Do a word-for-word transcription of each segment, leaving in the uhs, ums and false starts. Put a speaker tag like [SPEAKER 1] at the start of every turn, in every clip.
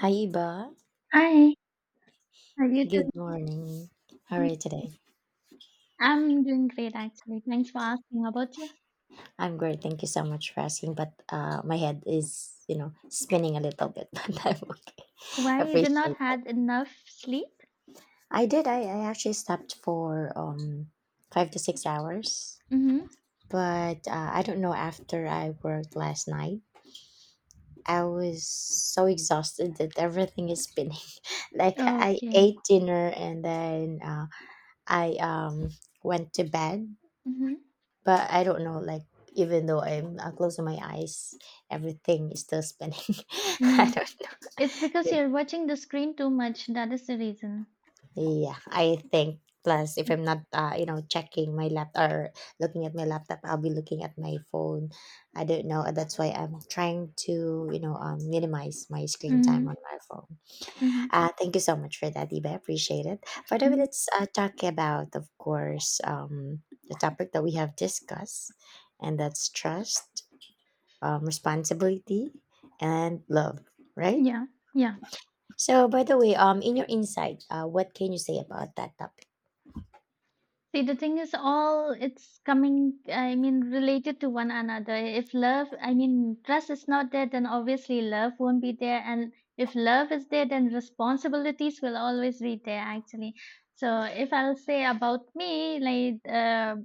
[SPEAKER 1] Hi, Iba.
[SPEAKER 2] Hi, how are you
[SPEAKER 1] Good
[SPEAKER 2] doing?
[SPEAKER 1] morning. How are
[SPEAKER 2] Good?
[SPEAKER 1] you today?
[SPEAKER 2] I'm doing great actually. Thanks for asking. How about you?
[SPEAKER 1] I'm great. Thank you so much for asking. But uh, my head is, you know, spinning a little bit, but I'm okay.
[SPEAKER 2] Why you did not
[SPEAKER 1] Appreciate that.
[SPEAKER 2] had enough sleep?
[SPEAKER 1] I did. I, I actually slept for um five to six hours,
[SPEAKER 2] Mm-hmm.
[SPEAKER 1] but uh, I don't know. After I worked last night, I was so exhausted that everything is spinning. Like I
[SPEAKER 2] Okay.
[SPEAKER 1] ate dinner and then uh, I um went to bed
[SPEAKER 2] Mm-hmm.
[SPEAKER 1] but I don't know. Like even though I'm uh, closing my eyes, everything is still spinning. I
[SPEAKER 2] Mm.
[SPEAKER 1] don't.
[SPEAKER 2] It's because
[SPEAKER 1] It,
[SPEAKER 2] you're watching the screen too much. That is the reason.
[SPEAKER 1] yeah, I think. Plus, if I'm not, uh, you know, checking my laptop or looking at my laptop, I'll be looking at my phone. I don't know. uh, That's why I'm trying to, you know, um, minimize my screen time on
[SPEAKER 2] Mm-hmm.
[SPEAKER 1] my phone.
[SPEAKER 2] Mm-hmm.
[SPEAKER 1] Uh, thank you so much for that, Iba. I appreciate it. By the way,
[SPEAKER 2] Mm-hmm.
[SPEAKER 1] let's uh, talk about, of course, um, the topic that we have discussed, and that's trust, um, responsibility, and love, right?
[SPEAKER 2] Yeah. Yeah.
[SPEAKER 1] So, by the way, um, in your insight, uh, what can you say about that topic?
[SPEAKER 2] See, the thing is, all it's coming, I mean, related to one another. If love, I mean, trust is not there, then obviously love won't be there. And if love is there, then responsibilities will always be there, actually. So if I'll say about me, like, uh,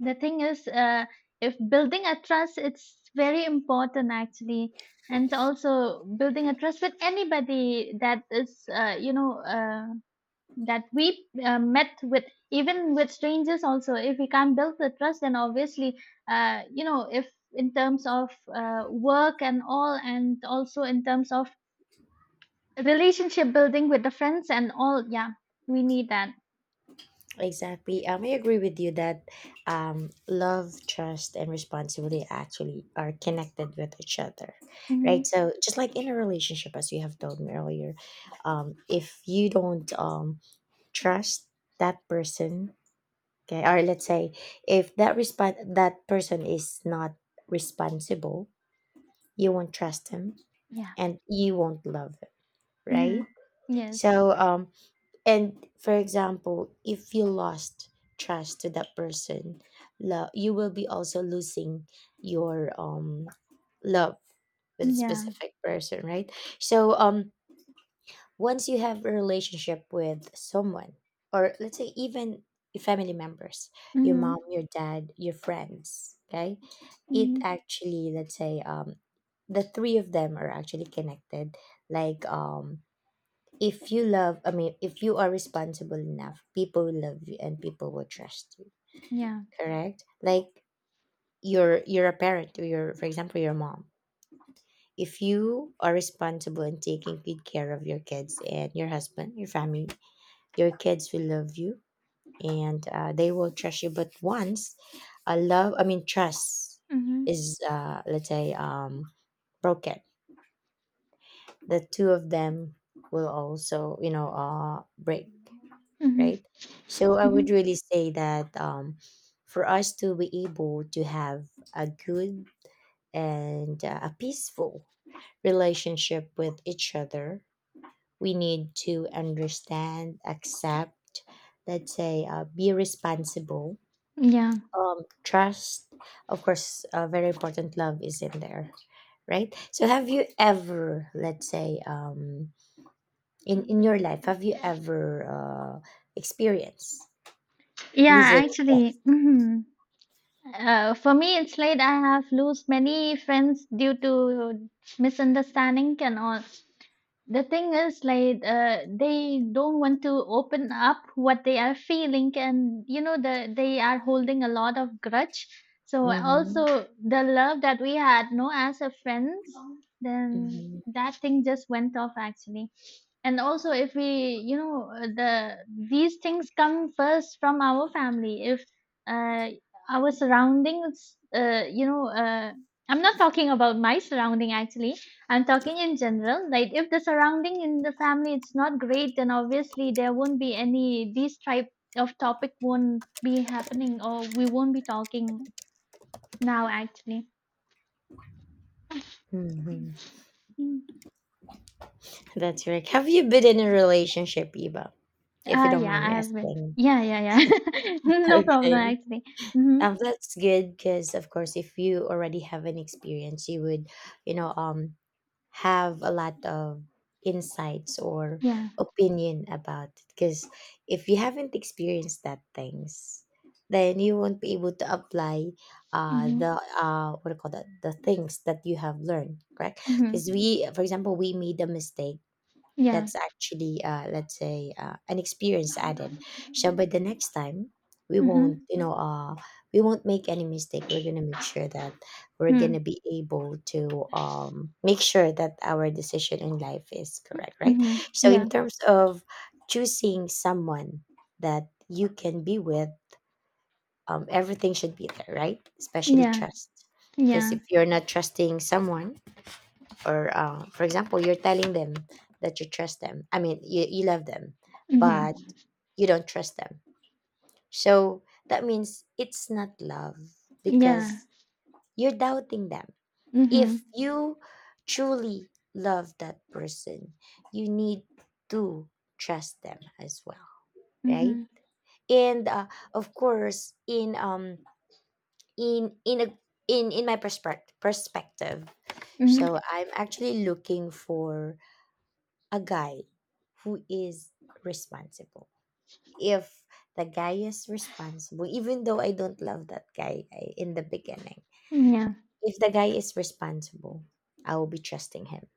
[SPEAKER 2] the thing is, uh, if building a trust, it's very important, actually. And also building a trust with anybody that is, uh, you know, uh that we uh, met with, even with strangers also. If we can't build the trust, then obviously, uh, you know, if in terms of uh, work and all, and also in terms of relationship building with the friends and all, yeah, we need that.
[SPEAKER 1] Exactly. Um, I agree with you that um, love, trust, and responsibility actually are connected with each other, right?
[SPEAKER 2] Mm-hmm.
[SPEAKER 1] So, just like in a relationship, as you have told me earlier, um, if you don't um, trust that person, okay, or let's say if that respon that person is not responsible, you won't trust him
[SPEAKER 2] Yeah.
[SPEAKER 1] and you won't love it, right?
[SPEAKER 2] Mm-hmm. Yes.
[SPEAKER 1] So, um, and for example, if you lost trust to that person, love, you will be also losing your um love with a
[SPEAKER 2] Yeah.
[SPEAKER 1] specific person, right? So, um, once you have a relationship with someone, or let's say even family members, your mom,
[SPEAKER 2] Mm-hmm.
[SPEAKER 1] your dad, your friends, okay, it
[SPEAKER 2] Mm-hmm.
[SPEAKER 1] actually, let's say, um, the three of them are actually connected. Like, um, if you love, I mean, if you are responsible enough, people will love you and people will trust you.
[SPEAKER 2] Yeah.
[SPEAKER 1] Correct? Like, you're you're a parent, or you're, for example, your mom. If you are responsible in taking good care of your kids and your husband, your family, your kids will love you and uh, they will trust you. But once a love, I mean, trust
[SPEAKER 2] Mm-hmm.
[SPEAKER 1] is, uh, let's say, um, broken, the two of them will also, you know, uh, break,
[SPEAKER 2] Mm-hmm.
[SPEAKER 1] right? So I
[SPEAKER 2] Mm-hmm.
[SPEAKER 1] would really say that um, for us to be able to have a good and uh, a peaceful relationship with each other, we need to understand, accept, let's say, uh, be responsible,
[SPEAKER 2] Yeah,
[SPEAKER 1] um, trust, of course, uh, very important love is in there, right? So, have you ever, let's say, um, in in your life, have you ever uh, experienced
[SPEAKER 2] yeah,
[SPEAKER 1] losing
[SPEAKER 2] actually.
[SPEAKER 1] trust?
[SPEAKER 2] Mhm. Uh, for me, it's like I have lost many friends due to misunderstanding and all. The thing is, like, uh, they don't want to open up what they are feeling, and you know, the they are holding a lot of grudge. So also
[SPEAKER 1] Mm-hmm.
[SPEAKER 2] the love that we had, no, as a friends, then
[SPEAKER 1] Mm-hmm.
[SPEAKER 2] that thing just went off actually. And also if we, you know, uh, the these things come first from our family. If uh, our surroundings, uh, you know, uh, I'm not talking about my surrounding actually, I'm talking in general. Like if the surrounding in the family, it's not great, then obviously there won't be any, these type of topic won't be happening, or we won't be talking now actually.
[SPEAKER 1] Mm-hmm.
[SPEAKER 2] Mm.
[SPEAKER 1] That's right. Have you been in a relationship, Eva? If you
[SPEAKER 2] Uh,
[SPEAKER 1] don't
[SPEAKER 2] yeah,
[SPEAKER 1] mind
[SPEAKER 2] I
[SPEAKER 1] me
[SPEAKER 2] have been.
[SPEAKER 1] asking.
[SPEAKER 2] Yeah, yeah, yeah. no problem
[SPEAKER 1] Okay.
[SPEAKER 2] actually. Hmm.
[SPEAKER 1] Um, that's good because of course if you already have an experience you would you know um have a lot of insights or
[SPEAKER 2] Yeah.
[SPEAKER 1] opinion about it because if you haven't experienced that things then you won't be able to apply uh,
[SPEAKER 2] Mhm.
[SPEAKER 1] the uh, what do you call that, the things that you have learned, correct?
[SPEAKER 2] Mhm.
[SPEAKER 1] Because we, for example, we made a mistake,
[SPEAKER 2] Yeah.
[SPEAKER 1] that's actually, uh, let's say, uh, an experience added. So, by the next time, we won't,
[SPEAKER 2] Mhm.
[SPEAKER 1] you know, uh, we won't make any mistake. We're gonna make sure that we're
[SPEAKER 2] Mm.
[SPEAKER 1] gonna be able to um, make sure that our decision in life is correct, right?
[SPEAKER 2] Mhm.
[SPEAKER 1] So,
[SPEAKER 2] Yeah.
[SPEAKER 1] in terms of choosing someone that you can be with, um, everything should be there, right? Especially
[SPEAKER 2] Yeah.
[SPEAKER 1] trust, because
[SPEAKER 2] Yeah.
[SPEAKER 1] if you're not trusting someone or uh, for example you're telling them that you trust them, I mean you, you love them
[SPEAKER 2] Mhm.
[SPEAKER 1] but you don't trust them, so that means it's not love
[SPEAKER 2] Yeah.
[SPEAKER 1] because you're doubting them. If
[SPEAKER 2] Mhm.
[SPEAKER 1] you truly love that person you need to trust them as well, right?
[SPEAKER 2] Mhm.
[SPEAKER 1] And uh, of course in um in in a in in my perspective perspective
[SPEAKER 2] Mhm.
[SPEAKER 1] so I'm actually looking for a guy who is responsible. If the guy is responsible, even though I don't love that guy I- in the beginning,
[SPEAKER 2] Yeah.
[SPEAKER 1] if the guy is responsible, I will be trusting him.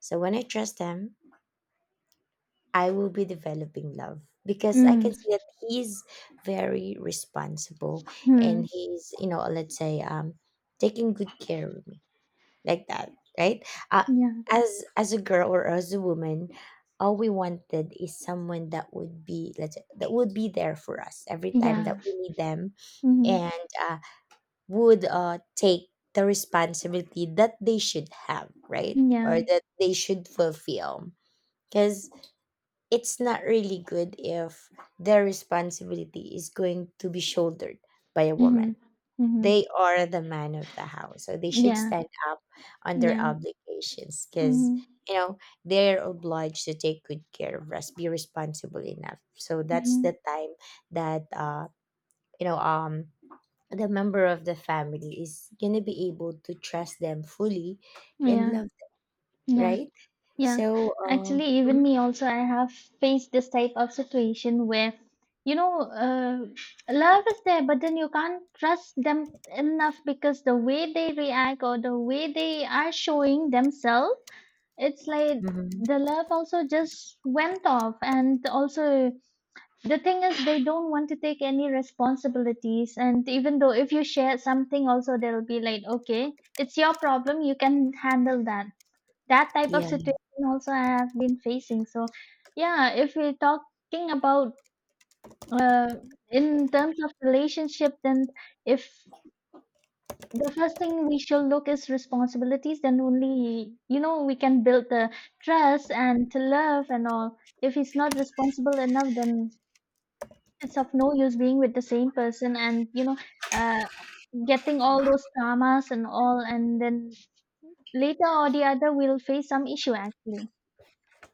[SPEAKER 1] So when I trust him, I will be developing love because I
[SPEAKER 2] Mm.
[SPEAKER 1] can see that he's very responsible
[SPEAKER 2] Mhm.
[SPEAKER 1] and he's, you know, let's say, um, taking good care of me. Like that, right? Uh,
[SPEAKER 2] Yeah.
[SPEAKER 1] as as a girl or as a woman, all we wanted is someone that would be, let's say, that would be there for us every time that
[SPEAKER 2] Yeah.
[SPEAKER 1] we need them,
[SPEAKER 2] Mhm.
[SPEAKER 1] and uh, would uh, take the responsibility that they should have, right? Or
[SPEAKER 2] Yeah.
[SPEAKER 1] that they should fulfill. Because it's not really good if their responsibility is going to be shouldered by a woman.
[SPEAKER 2] Mhm. Mhm.
[SPEAKER 1] They are the man of the house, so they should
[SPEAKER 2] Yeah.
[SPEAKER 1] stand up on their
[SPEAKER 2] Yeah.
[SPEAKER 1] obligations because
[SPEAKER 2] Mhm.
[SPEAKER 1] you know they're obliged to take good care of us, be responsible enough. So that's the
[SPEAKER 2] Mhm.
[SPEAKER 1] time that uh you know um the member of the family is gonna be able to trust them fully and
[SPEAKER 2] Yeah.
[SPEAKER 1] love them,
[SPEAKER 2] Yeah.
[SPEAKER 1] right?
[SPEAKER 2] Yeah,
[SPEAKER 1] So
[SPEAKER 2] actually,
[SPEAKER 1] um mhm,
[SPEAKER 2] even me also, I have faced this type of situation where, you know, uh, love is there, but then you can't trust them enough because the way they react or the way they are showing themselves, it's like
[SPEAKER 1] mhm.
[SPEAKER 2] the love also just went off. And also, the thing is, they don't want to take any responsibilities. And even though if you share something, also they'll be like, okay, it's your problem, you can handle that. That type of
[SPEAKER 1] Yeah.
[SPEAKER 2] situation also I have been facing. So, yeah, if we're talking about, uh, in terms of relationship, then if the first thing we should look is responsibilities, then only you know we can build the trust and to love and all. If he's not responsible enough, then it's of no use being with the same person, and you know, uh, getting all those traumas and all, and then later or the other we'll face some issue actually.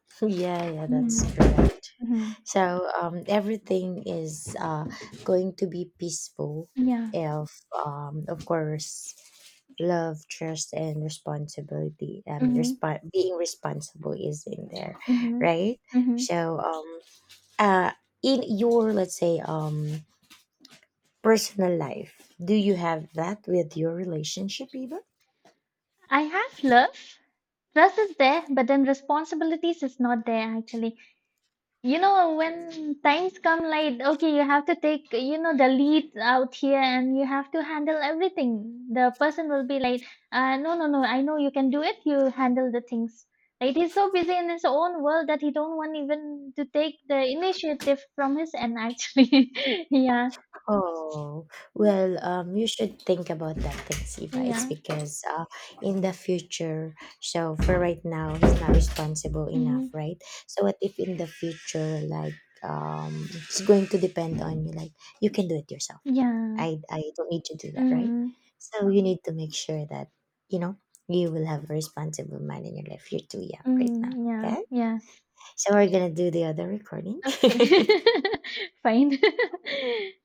[SPEAKER 1] Yeah, yeah, that's
[SPEAKER 2] Mm-hmm.
[SPEAKER 1] correct.
[SPEAKER 2] Mm-hmm.
[SPEAKER 1] So um, everything is uh, going to be peaceful
[SPEAKER 2] Yeah.
[SPEAKER 1] if, um, of course, love, trust, and responsibility. I mean,
[SPEAKER 2] Mm-hmm.
[SPEAKER 1] resp- being responsible is in there,
[SPEAKER 2] Mm-hmm.
[SPEAKER 1] right?
[SPEAKER 2] Mm-hmm.
[SPEAKER 1] So, um, uh, in your, let's say, um personal life, do you have that with your relationship, Eva?
[SPEAKER 2] I have love. Trust is there, but then responsibilities is not there actually. You know, when times come like, okay, you have to take, you know, the lead out here and you have to handle everything. The person will be like, uh, no, no, no, I know you can do it. You handle the things. Like he's so busy in his own world that he don't want even to take the initiative from his end actually. yeah.
[SPEAKER 1] Oh, well, um, you should think about that thing, Siva. It's
[SPEAKER 2] Yeah.
[SPEAKER 1] because uh, in the future, so for right now, he's not responsible enough,
[SPEAKER 2] Mm-hmm.
[SPEAKER 1] right? So what if in the future, like, um, it's going to depend on you, like, you can do it yourself.
[SPEAKER 2] Yeah.
[SPEAKER 1] I, I don't need to do that, right?
[SPEAKER 2] Mm-hmm.
[SPEAKER 1] So you need to make sure that, you know, you will have a responsible man in your life. You're too young right
[SPEAKER 2] Mm,
[SPEAKER 1] now,
[SPEAKER 2] yeah,
[SPEAKER 1] okay?
[SPEAKER 2] yeah.
[SPEAKER 1] So we're gonna do the other recording.
[SPEAKER 2] Okay. Fine.